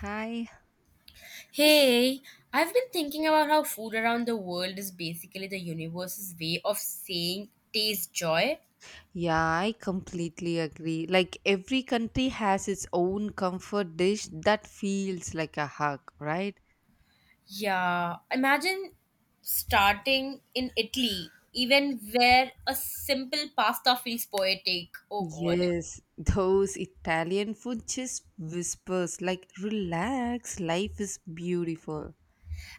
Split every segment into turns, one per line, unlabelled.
Hi.
Hey, I've been thinking about how food around the world is basically the universe's way of saying taste joy.
Yeah, I completely agree. Like every country has its own comfort dish that feels like a hug, right?
Yeah, imagine starting in Italy, even where a simple pasta feels poetic. Oh god.
Yes, those Italian food just whispers like relax, life is beautiful.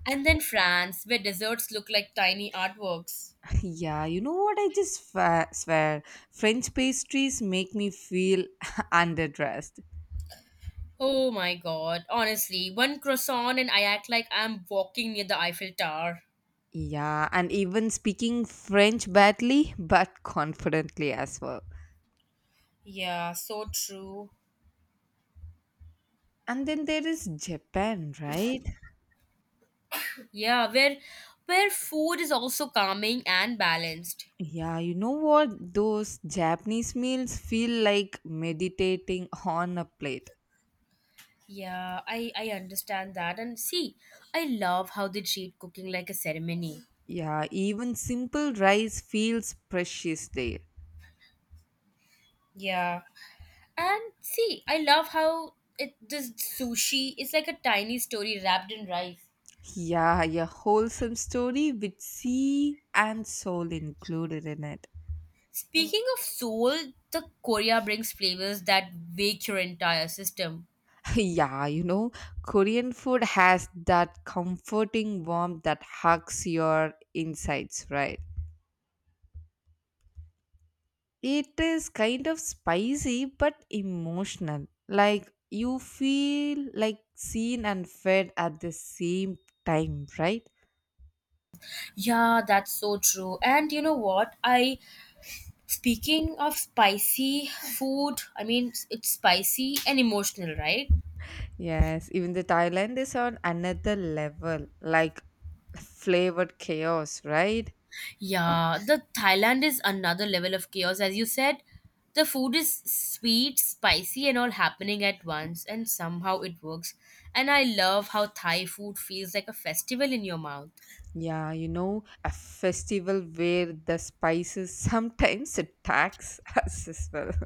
And then France, where desserts look like tiny artworks.
Yeah, you know what? I swear, French pastries make me feel underdressed.
Oh my god, honestly, one croissant and I act like I'm walking near the Eiffel Tower.
Yeah, and even speaking French badly but confidently as well.
Yeah, so true.
And then there is Japan, right?
Yeah, where food is also calming and balanced.
Yeah, you know what? Those Japanese meals feel like meditating on a plate.
Yeah, I understand that. And see, I love how they treat cooking like a ceremony.
Yeah, even simple rice feels precious there.
Yeah. And see, I love how it this sushi is like a tiny story wrapped in rice.
Yeah, a wholesome story with sea and soul included in it.
Speaking of soul, the Korea brings flavors that wake your entire system.
Yeah, you know, Korean food has that comforting warmth that hugs your insides, right? It is kind of spicy but emotional. Like you feel like seen and fed at the same time, right?
Yeah, that's so true. And you know what? I Speaking of spicy food, I mean, it's spicy and emotional, right?
Yes, even the Thailand is on another level, like flavored chaos, right?
Yeah, the Thailand is another level of chaos, as you said. The food is sweet, spicy, and all happening at once, and somehow it works. And I love how Thai food feels like a festival in your mouth.
Yeah, you know, a festival where the spices sometimes attacks us as well.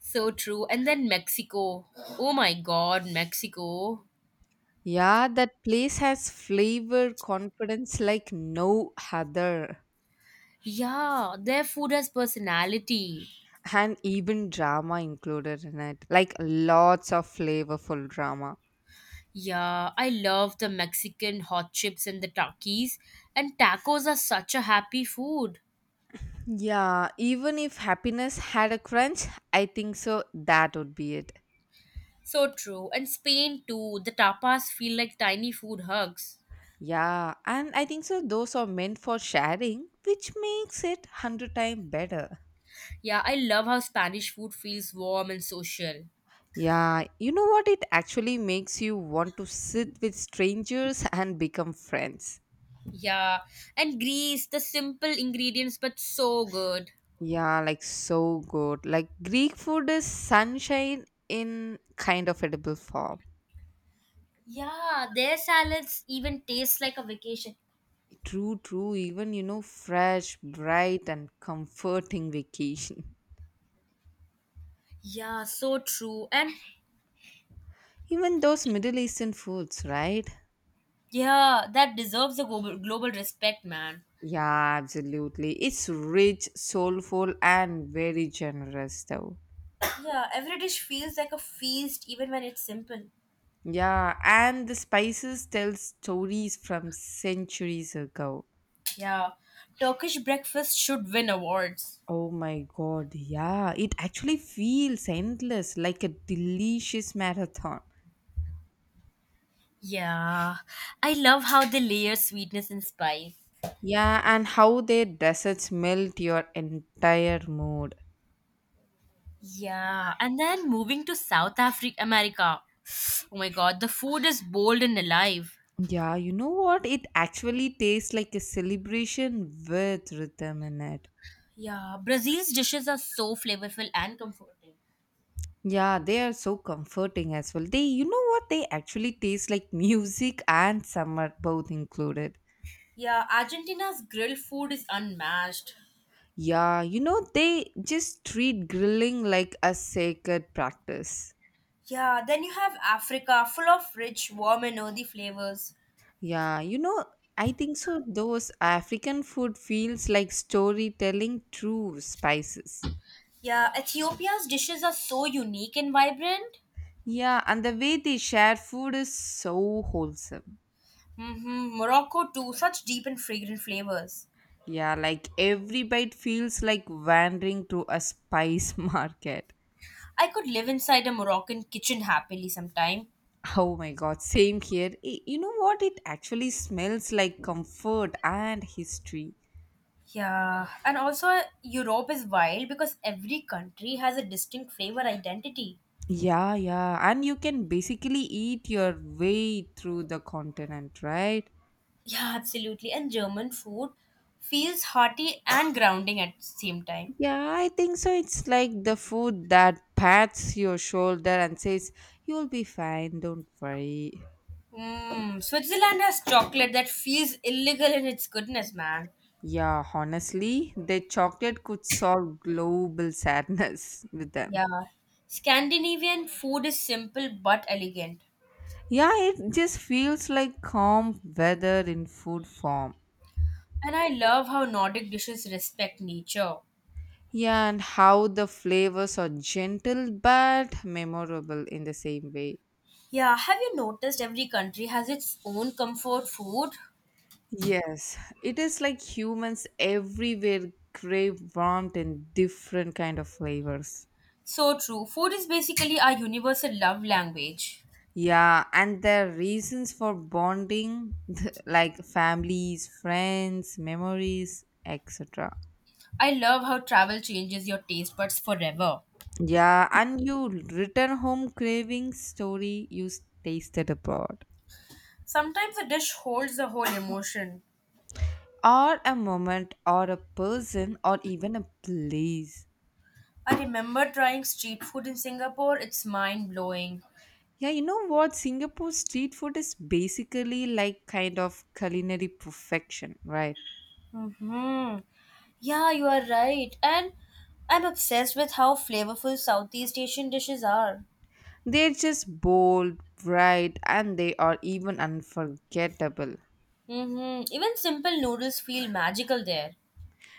So true. And then Mexico. Oh my god, Mexico.
Yeah, that place has flavor confidence like no other.
Yeah, their food has personality.
And even drama included in it, like lots of flavorful drama.
Yeah, I love the Mexican hot chips and the takis, and tacos are such a happy food.
Yeah, even if happiness had a crunch, I think so that would be it.
So true. And Spain too, the tapas feel like tiny food hugs.
Yeah, and I think so those are meant for sharing, which makes it 100 times better.
Yeah, I love how Spanish food feels warm and social.
Yeah, you know what? It actually makes you want to sit with strangers and become friends.
Yeah, and Greece, the simple ingredients but so good.
Yeah, like so good. Like Greek food is sunshine in kind of edible form.
Yeah, their salads even taste like a vacation.
True, true. Even, you know, fresh, bright, and comforting vacation.
Yeah, so true. And
Even those Middle Eastern foods, right?
yeah, that deserves a global, global respect, man.
Yeah, absolutely. It's rich, soulful, and very generous, though.
Yeah, every dish feels like a feast even when it's simple.
Yeah, and the spices tell stories from centuries ago.
Yeah, Turkish breakfast should win awards.
Oh my god, yeah. It actually feels endless, like a delicious marathon.
Yeah, I love how they layer sweetness and spice.
Yeah, and how their desserts melt your entire mood.
Yeah, and then moving to South Africa, America. Oh my god, the food is bold and alive.
Yeah, you know what? It actually tastes like a celebration with rhythm in it.
Yeah, Brazil's dishes are so flavorful and comforting.
Yeah, they are so comforting as well. They, you know what? They actually taste like music and summer both included.
Yeah, Argentina's grill food is unmatched.
Yeah, you know, they just treat grilling like a sacred practice.
Yeah, then you have Africa, full of rich, warm, and earthy flavors.
Yeah, you know, I think so. Those African food feels like storytelling through spices.
Yeah, Ethiopia's dishes are so unique and vibrant.
Yeah, and the way they share food is so wholesome.
Hmm, Morocco too, such deep and fragrant flavors.
Yeah, like every bite feels like wandering to a spice market.
I could live inside a Moroccan kitchen happily sometime.
Oh my god, same here. You know what? It actually smells like comfort and history.
Yeah, and also Europe is wild because every country has a distinct flavor identity.
Yeah, yeah, and you can basically eat your way through the continent, right?
Yeah, absolutely. And German food feels hearty and grounding at the same time.
Yeah, I think so. It's like the food that pats your shoulder and says, you'll be fine, don't worry.
Mm, Switzerland has chocolate that feels illegal in its goodness, man.
Yeah, honestly, the chocolate could solve global sadness with them.
Yeah. Scandinavian food is simple but elegant.
Yeah, it just feels like calm weather in food form.
And I love how Nordic dishes respect nature.
Yeah, and how the flavors are gentle but memorable in the same way.
Yeah, have you noticed every country has its own comfort food?
Yes, it is like humans everywhere crave warmth in different kind of flavors.
So true. Food is basically our universal love language.
Yeah, and the reasons for bonding like families, friends, memories, etc.
I love how travel changes your taste buds forever.
Yeah, and you return home craving story you tasted abroad.
Sometimes a dish holds the whole emotion.
Or a moment or a person or even a place.
I remember trying street food in Singapore, it's mind blowing.
Yeah, you know what? Singapore street food is basically like kind of culinary perfection, right?
Mm-hmm. Yeah, you are right. And I'm obsessed with how flavorful Southeast Asian dishes are.
They're just bold, bright, and they are even unforgettable.
Mm-hmm. Even simple noodles feel magical there.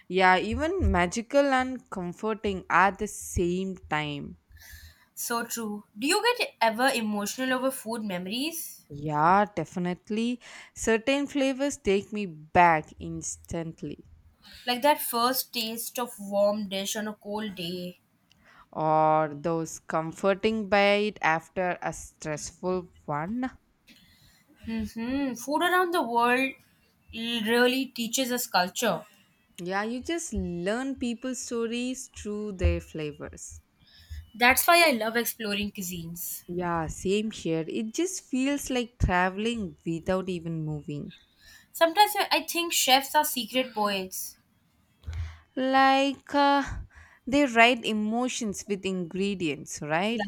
Yeah, even magical and comforting at the same time.
So true. Do you get ever emotional over food memories?
Yeah, definitely. Certain flavors take me back instantly,
Like that first taste of warm dish on a cold day.
or those comforting bite after a stressful one.
Mm-hmm. Food around the world really teaches us culture.
Yeah, you just learn people's stories through their flavors.
That's why I love exploring cuisines.
Yeah, same here. It just feels like traveling without even moving.
Sometimes I think chefs are secret poets.
Like they write emotions with ingredients,
Yeah.
right?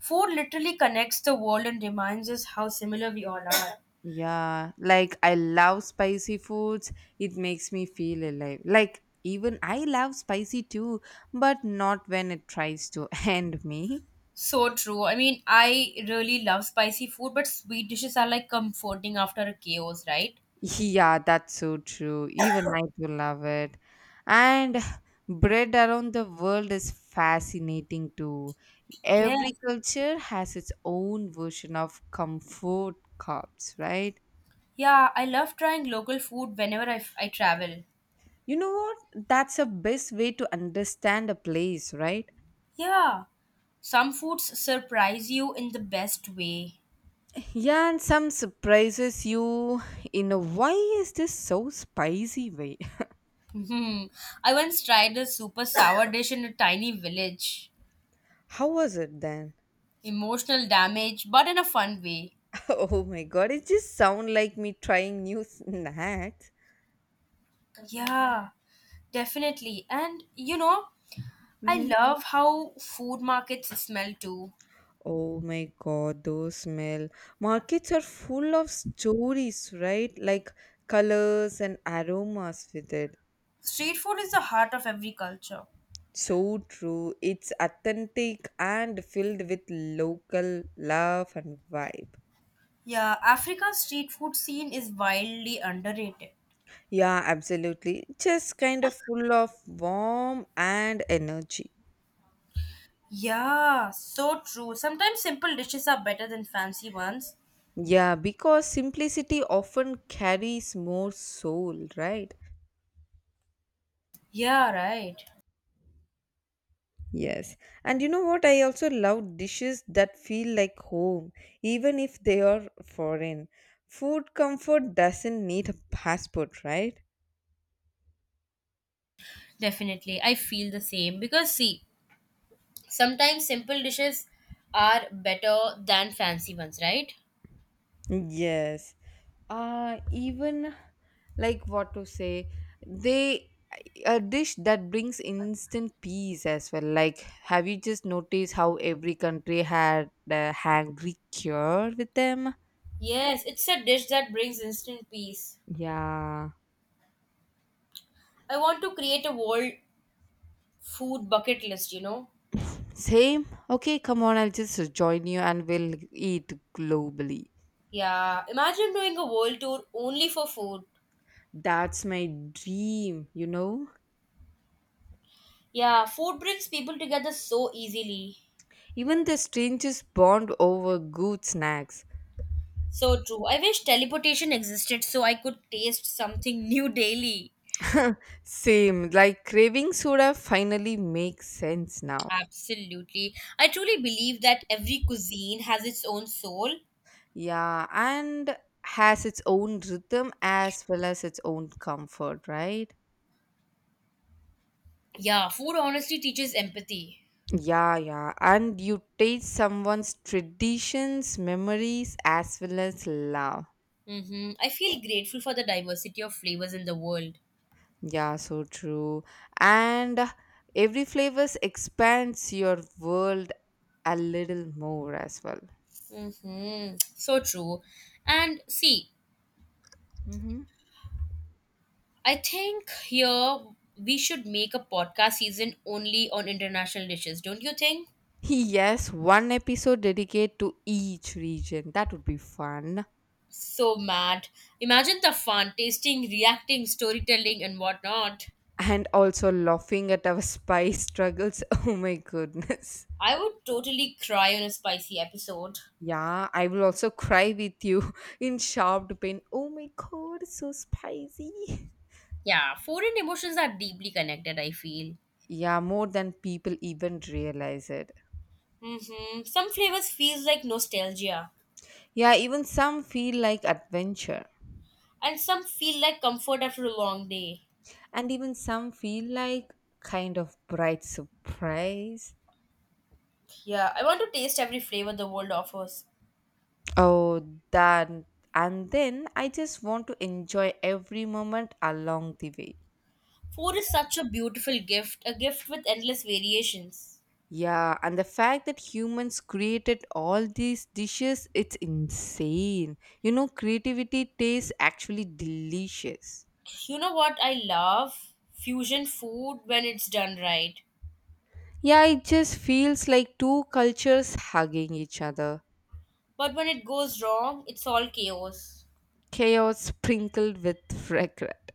Food literally connects the world and reminds us how similar we all are.
Yeah, like I love spicy foods. It makes me feel alive. Like even I love spicy too, but not when it tries to end me.
So true. I mean, I really love spicy food, but sweet dishes are like comforting after a chaos, right?
Yeah, that's so true. Even I do love it. And bread around the world is fascinating too.
Yeah.
Every culture has its own version of comfort cups, right?
Yeah, I love trying local food whenever I travel.
You know what? That's the best way to understand a place, right?
Yeah. Some foods surprise you in the best way.
Yeah, and some surprises you in a why is this so spicy way?
Hmm. I once tried a super sour dish in a tiny village.
How was it then?
Emotional damage, but in a fun way.
Oh my god, it just sound like me trying new snacks.
Yeah, definitely. And you know, I
Mm-hmm.
love how food markets smell too.
Oh my god, those smell. Markets are full of stories, right? Like colors and aromas with it.
Street food is the heart of every culture.
So true. It's authentic and filled with local love and vibe.
Yeah, Africa's street food scene is wildly underrated.
Yeah, absolutely. Just kind of full of warmth and energy.
Yeah, so true. Sometimes simple dishes are better than fancy ones.
Yeah, because simplicity often carries more soul, right?
Yeah, right.
Yes. And you know what? I also love dishes that feel like home, even if they are foreign. Food comfort doesn't need a passport, right?
Definitely. I feel the same because see, sometimes simple dishes are better than fancy ones, right?
Yes. Even, like, what to say, they, a dish that brings instant peace as well. Like, have you just noticed how every country had a hangry cure with them?
Yes, it's a dish that brings instant peace.
Yeah.
I want to create a world food bucket list, you know.
Same? Okay, come on, I'll just join you and we'll eat globally.
Yeah, imagine doing a world tour only for food.
That's my dream, you know?
Yeah, food brings people together so easily.
Even the strangest bond over good snacks.
So true. I wish teleportation existed so I could taste something new daily.
Same, like craving soda finally makes sense now.
Absolutely. I truly believe that every cuisine has its own soul.
Yeah, and has its own rhythm as well as its own comfort, right?
Yeah, food honestly teaches empathy.
Yeah, yeah. And you taste someone's traditions, memories, as well as love.
Mm-hmm. I feel grateful for the diversity of flavors in the world.
Yeah, so true. And every flavors expands your world a little more as well.
Mm-hmm. So true. And see,
hmm
I think here we should make a podcast season only on international dishes, don't you think?
Yes, one episode dedicated to each region. That would be fun.
So mad. Imagine the fun, tasting, reacting, storytelling, and whatnot.
And also laughing at our spice struggles. Oh my goodness.
I would totally cry on a spicy episode.
Yeah, I will also cry with you in sharp pain. Oh my god, it's so spicy.
Yeah, food and emotions are deeply connected, I feel.
Yeah, more than people even realize it.
Mm-hmm. Some flavors feels like nostalgia,
Yeah, even some feel like adventure.
and some feel like comfort after a long day.
And even some feel like kind of bright surprise.
Yeah, I want to taste every flavor the world offers.
Oh, that, and then I just want to enjoy every moment along the way.
Food is such a beautiful gift, a gift with endless variations.
Yeah, and the fact that humans created all these dishes, it's insane. You know, creativity tastes actually delicious.
You know what I love? Fusion food when it's done right.
Yeah, it just feels like two cultures hugging each other.
But when it goes wrong, it's all chaos.
Chaos sprinkled with regret.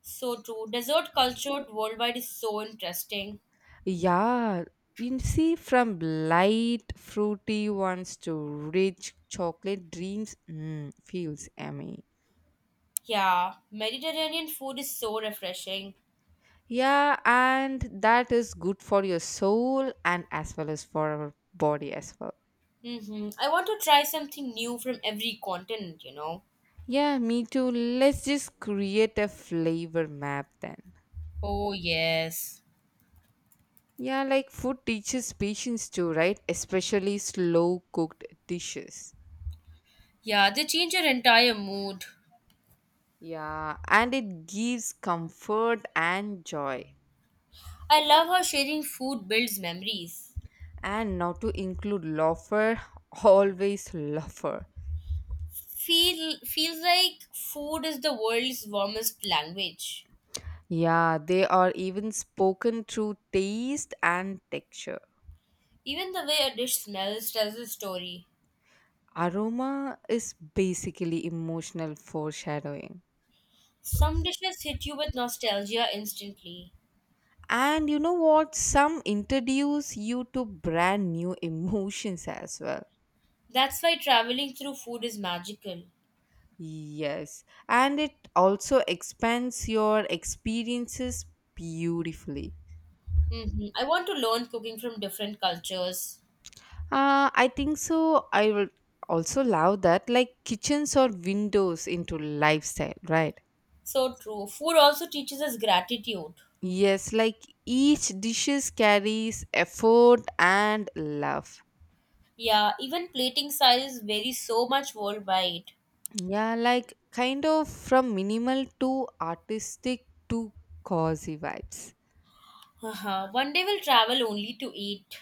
So true. Dessert culture worldwide is so interesting.
Yeah, you see, from light fruity ones to rich chocolate dreams, feels yummy.
Yeah, Mediterranean food is so refreshing.
Yeah, and that is good for your soul and as well as for our body as well.
Mm-hmm. I want to try something new from every continent, you know.
Yeah, me too. Let's just create a flavor map then.
Oh, yes.
Yeah, like food teaches patience too, right? Especially slow cooked dishes.
Yeah, they change your entire mood.
Yeah, and it gives comfort and joy.
I love how sharing food builds memories.
And now to include loafer, always loafer.
Feel feels like food is the world's warmest language.
Yeah, they are even spoken through taste and texture.
Even the way a dish smells tells a story.
Aroma is basically emotional foreshadowing.
Some dishes hit you with nostalgia instantly.
And you know what? Some introduce you to brand new emotions as well.
That's why traveling through food is magical.
Yes, and it also expands your experiences beautifully.
Hmm, I want to learn cooking from different cultures.
I think so. I would also love that, like kitchens or windows into lifestyle, right?
So true. Food also teaches us gratitude.
Yes, like each dishes carries effort and love.
Yeah, even plating styles vary so much worldwide.
Yeah, like kind of from minimal to artistic to cozy vibes.
Haha, one day we'll travel only to eat.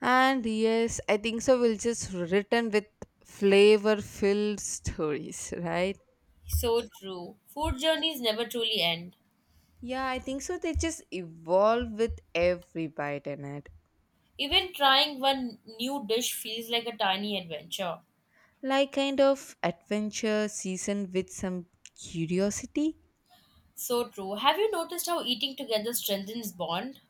And yes, I think so. We'll just written with flavor-filled stories, right?
So true. Food journeys never truly end.
Yeah, I think so. They just evolve with every bite in it.
Even trying one new dish feels like a tiny adventure.
Like kind of adventure season with some curiosity.
So true. Have you noticed how eating together strengthens bond?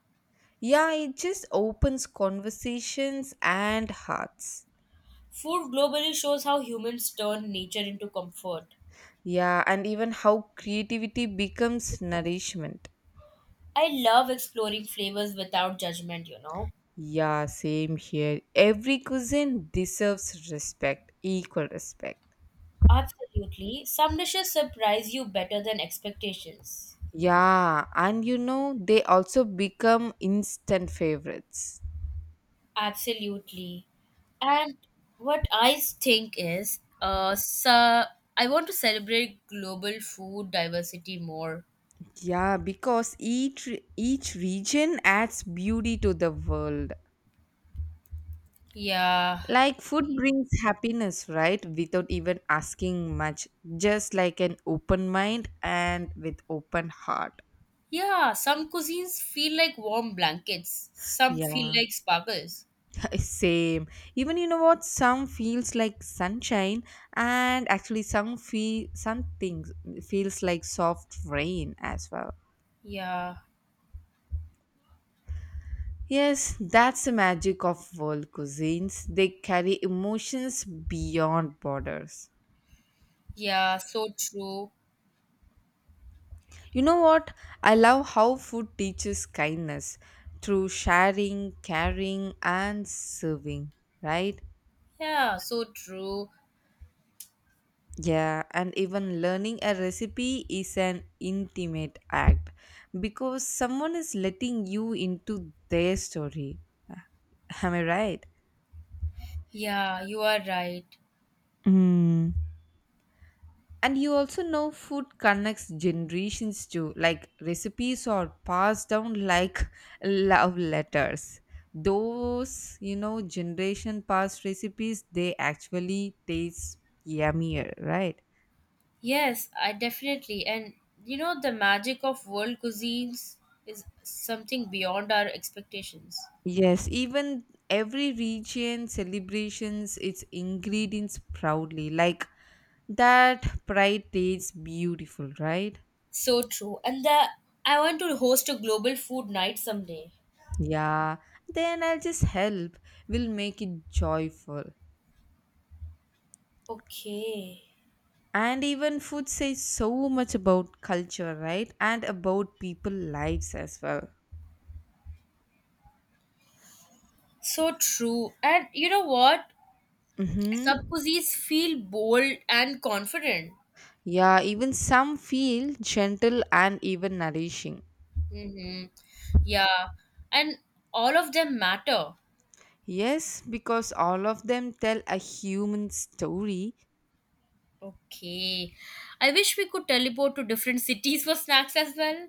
Yeah, it just opens conversations and hearts.
Food globally shows how humans turn nature into comfort.
Yeah, and even how creativity becomes nourishment.
I love exploring flavors without judgment, you know.
Yeah, same here. Every cuisine deserves respect, equal respect.
Absolutely. Some dishes surprise you better than expectations.
Yeah, and you know, they also become instant favorites.
Absolutely. And what I think is, so I want to celebrate global food diversity more.
Yeah, because each region adds beauty to the world.
Yeah.
Like food brings happiness, right? Without even asking much, just like an open mind and with open heart.
Yeah, some cuisines feel like warm blankets, some feel
Yeah.
like sparkles.
Same. Even you know what? Some feels like sunshine, and actually some feel, some things feels like soft rain as well.
Yeah,
Yes, that's the magic of world cuisines. They carry emotions beyond borders.
yeah, so true.
You know what? I love how food teaches kindness through sharing, caring, and serving, right?
Yeah, so true.
Yeah, and even learning a recipe is an intimate act because someone is letting you into their story. Am I right?
Yeah, you are right.
Mm. And you also know food connects generations too. Like recipes are passed down like love letters. Those, you know, generation past recipes, they actually taste yummier, right?
Yes, I definitely. And you know, the magic of world cuisines is something beyond our expectations.
Yes, even every region celebrations its ingredients proudly. Like that pride tastes beautiful, right?
So true. And the I want to host a global food night someday.
Yeah, then I'll just help, we will make it joyful.
Okay.
And even food says so much about culture, right? And about people lives as well.
So true. And you know what? Sub
Mm-hmm.
cuisines feel bold and confident.
Yeah, even some feel gentle and even nourishing.
Mm-hmm. Yeah, and all of them matter.
Yes, because all of them tell a human story.
Okay. I wish we could teleport to different cities for snacks as well.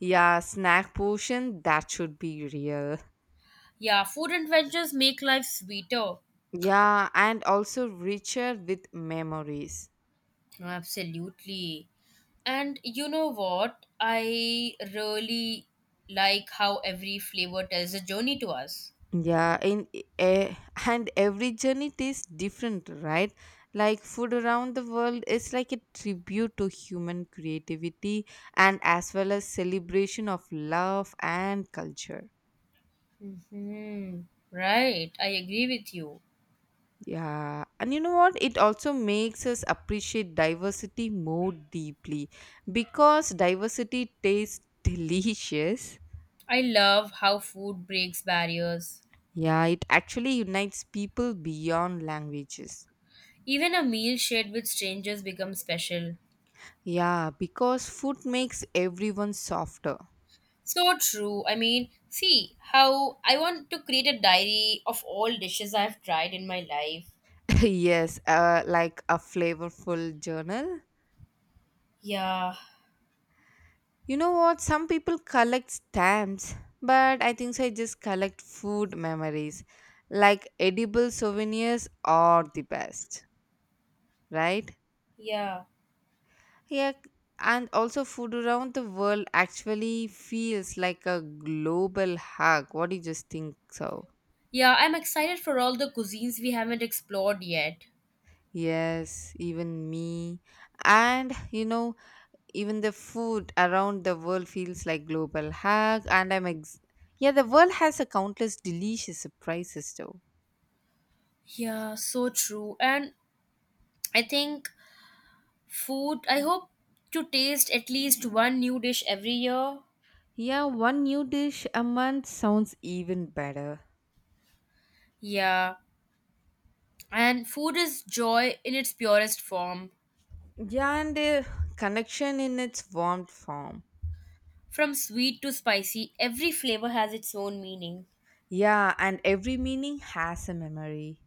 Yeah, snack portion, that should be real.
Yeah, food adventures make life sweeter.
Yeah, and also richer with memories.
No, absolutely. And you know what? I really like how every flavor tells a journey to us.
Yeah, in eh, and every journey tastes different, right? Like food around the world is like a tribute to human creativity and as well as celebration of love and culture.
Mm-hmm. Right, I agree with you.
Yeah, and you know what? It also makes us appreciate diversity more deeply, because diversity tastes delicious.
I love how food breaks barriers.
Yeah, it actually unites people beyond languages.
Even a meal shared with strangers becomes special.
Yeah, because food makes everyone softer.
So true. I mean, see how I want to create a diary of all dishes I've tried in my life.
Yes, like a flavorful journal.
Yeah,
You know what? Some people collect stamps, but I think so, I just collect food memories. Like edible souvenirs are the best, right?
yeah.
Yeah, and also food around the world actually feels like a global hug. What do you just think so?
Yeah, I'm excited for all the cuisines we haven't explored yet.
Yes, even me. And you know even the food around the world feels like global hack and yeah, the world has a countless delicious surprises too.
Yeah, so true. And I think food, I hope to taste at least one new dish every year.
Yeah, one new dish a month sounds even better.
Yeah, and food is joy in its purest form.
Yeah, and the connection in its warm form.
From sweet to spicy, every flavor has its own meaning.
Yeah, and every meaning has a memory.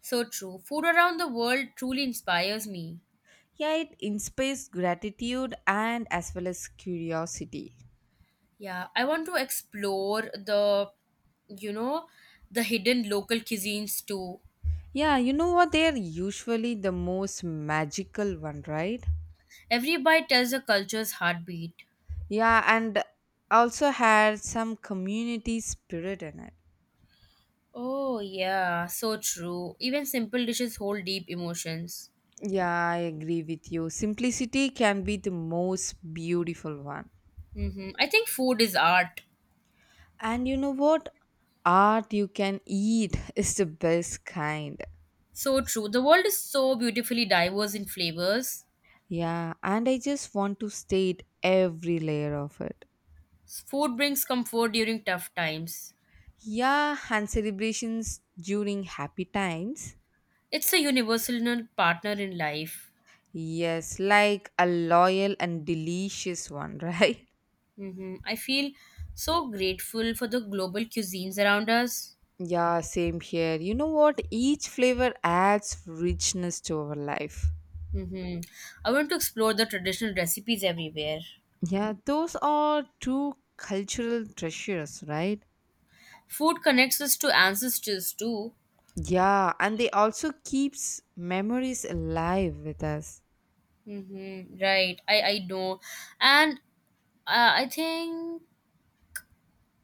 So true. Food around the world truly inspires me.
Yeah, it inspires gratitude and as well as curiosity.
Yeah, I want to explore the, you know, the hidden local cuisines too.
Yeah, you know what, they're usually the most magical one, right?
Every bite tells a culture's heartbeat.
Yeah, and also had some community spirit in it.
Oh, yeah, so true. Even simple dishes hold deep emotions.
Yeah, I agree with you. Simplicity can be the most beautiful one.
Mm-hmm. I think food is art.
And you know what? Art you can eat is the best kind.
So true. The world is so beautifully diverse in flavors.
Yeah, and I just want to state every layer of it.
Food brings comfort during tough times.
Yeah, and celebrations during happy times.
It's a universal partner in life.
Yes, like a loyal and delicious one, right?
Mm-hmm. I feel so grateful for the global cuisines around us.
Yeah, same here. You know what? Each flavor adds richness to our life.
Mm-hmm. I want to explore the traditional recipes everywhere.
Yeah, those are two cultural treasures, right?
Food connects us to ancestors too.
Yeah, and they also keeps memories alive with us.
Mm-hmm. Right, I know. And I think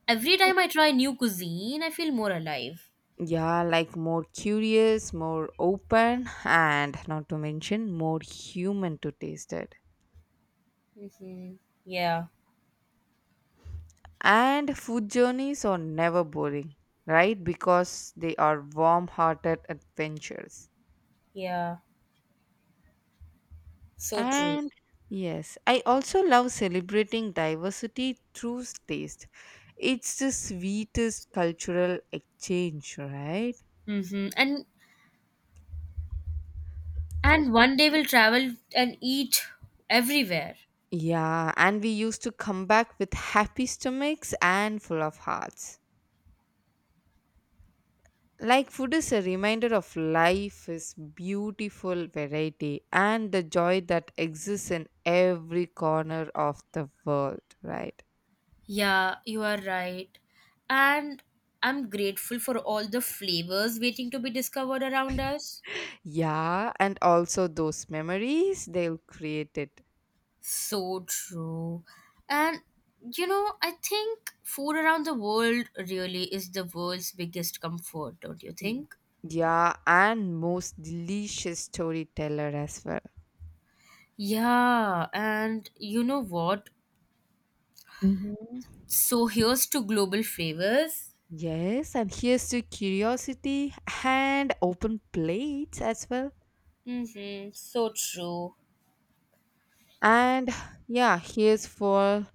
every time I try new cuisine, I feel more alive.
Yeah, like more curious, more open, and not to mention more human to taste it.
Mm-hmm. Yeah,
And food journeys are never boring, right? Because they are warm-hearted adventures.
yeah, so true.
And yes, I also love celebrating diversity through taste. It's the sweetest cultural exchange, right?
Mm-hmm. And one day we'll travel and eat everywhere.
Yeah, and we used to come back with happy stomachs and full of hearts. Like food is a reminder of life is beautiful variety and the joy that exists in every corner of the world, right?
Yeah, you are right. And I'm grateful for all the flavors waiting to be discovered around us.
Yeah, and also those memories they'll create it.
So true. And you know, I think food around the world really is the world's biggest comfort, don't you
Mm,
think?
yeah, and most delicious storyteller as well.
Yeah, and you know what?
Hmm.
So here's to global flavors.
Yes, and here's to curiosity and open plates as well.
Mm-hmm. So true.
And yeah, here's for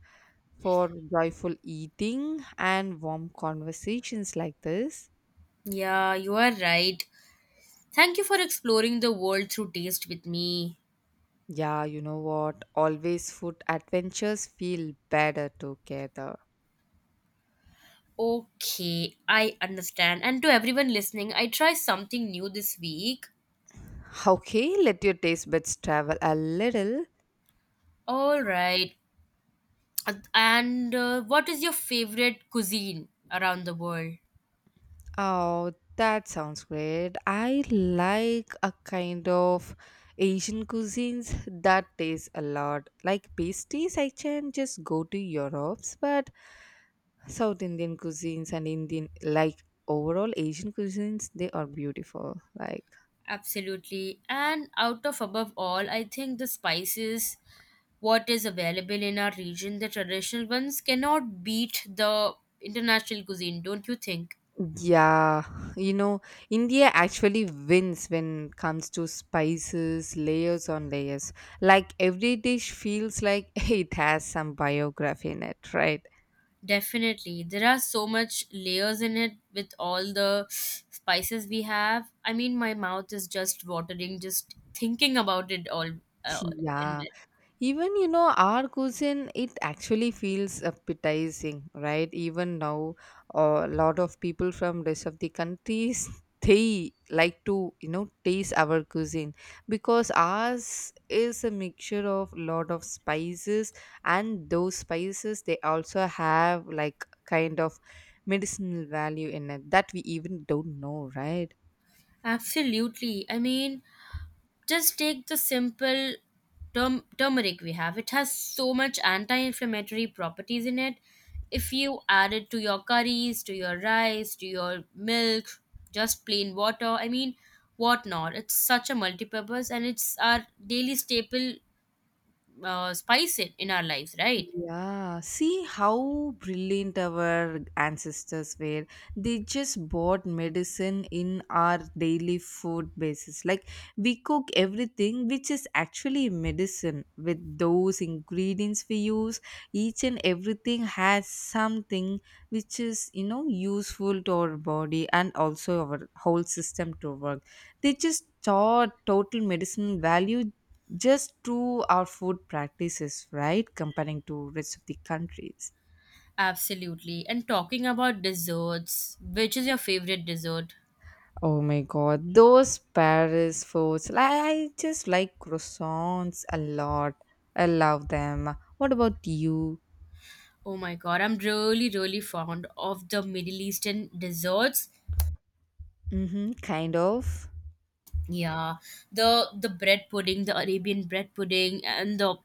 for joyful eating and warm conversations like this.
Yeah, you are right. Thank you for exploring the world through taste with me.
Yeah, you know what? Always food adventures feel better together.
Okay, I understand. And to everyone listening, I try something new this week.
Okay, let your taste buds travel a little.
All right. And what is your favorite cuisine around the world?
Oh, that sounds great. I like a kind of Asian cuisines that taste a lot. Like pasties, I can just go to Europe's, but South Indian cuisines and Indian, like overall Asian cuisines, they are beautiful. Like,
Absolutely. And out of above all, I think the spices, what is available in our region, the traditional ones cannot beat the international cuisine, don't you think?
yeah, you know, India actually wins when it comes to spices, layers on layers. Like, every dish feels like it has some biography in it, right?
Definitely. There are so much layers in it with all the spices we have. I mean, my mouth is just watering just thinking about it all uh, in
Yeah,
it.
even you know, our cuisine, it actually feels appetizing, right? Even now, a lot of people from rest of the countries they like to you know taste our cuisine because ours is a mixture of lot of spices, and those spices they also have like kind of medicinal value in it that we even don't know, right?
Absolutely. I mean, just take the simple turmeric we have. It has so much anti-inflammatory properties in it. If you add it to your curries, to your rice, to your milk, just plain water, I mean, what not? It's such a multi-purpose and it's our daily staple spice it in our lives, right?
Yeah, see how brilliant our ancestors were. They just bought medicine in our daily food basis. Like we cook everything which is actually medicine with those ingredients we use. Each and everything has something which is, you know, useful to our body and also our whole system to work. They just taught total medicine value just to our food practices, right? Comparing to rest of the countries.
Absolutely. And talking about desserts, which is your favorite dessert?
Oh my god, those Paris foods. Like, I just like croissants a lot. I love them. What about you?
Oh my god, I'm really really fond of the Middle Eastern desserts.
Mm-hmm, kind of.
Yeah, the bread pudding, the Arabian bread pudding, and the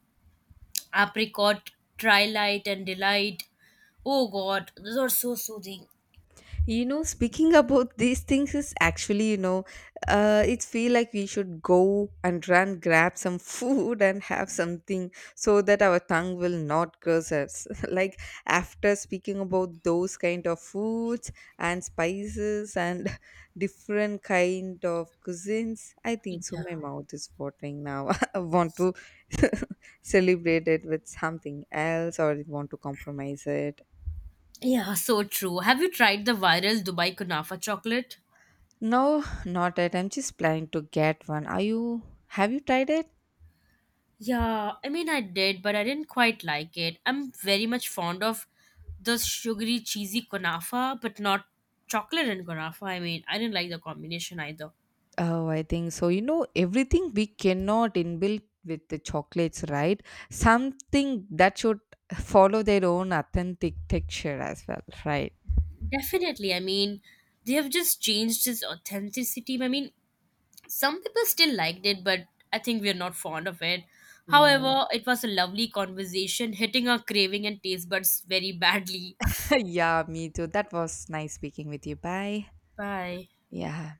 apricot trilight and delight. Oh god, those are so soothing.
You know, speaking about these things is actually, you know, it feel like we should go and run, grab some food and have something so that our tongue will not curse us. Like after speaking about those kind of foods and spices and different kind of cuisines, I
Yeah.
think so. My mouth is watering now. I want to celebrate it with something else, or I want to compromise it.
Yeah, so true. Have you tried the viral Dubai Kunafa chocolate?
No, not yet. I'm just planning to get one. Are you? Have you tried it?
Yeah, I mean, I did, but I didn't quite like it. I'm very much fond of the sugary, cheesy kunafa, but not chocolate and kunafa. I mean, I didn't like the combination either.
Oh, I think so. You know, everything we cannot inbuilt with the chocolates, right? Something that should follow their own authentic texture as well, right?
Definitely, I mean, they have just changed its authenticity. I mean, some people still liked it, but I think we're not fond of it.
Yeah.
However, it was a lovely conversation, hitting our craving and taste buds very badly.
Yeah, me too. That was nice speaking with you. Bye.
Bye.
Yeah.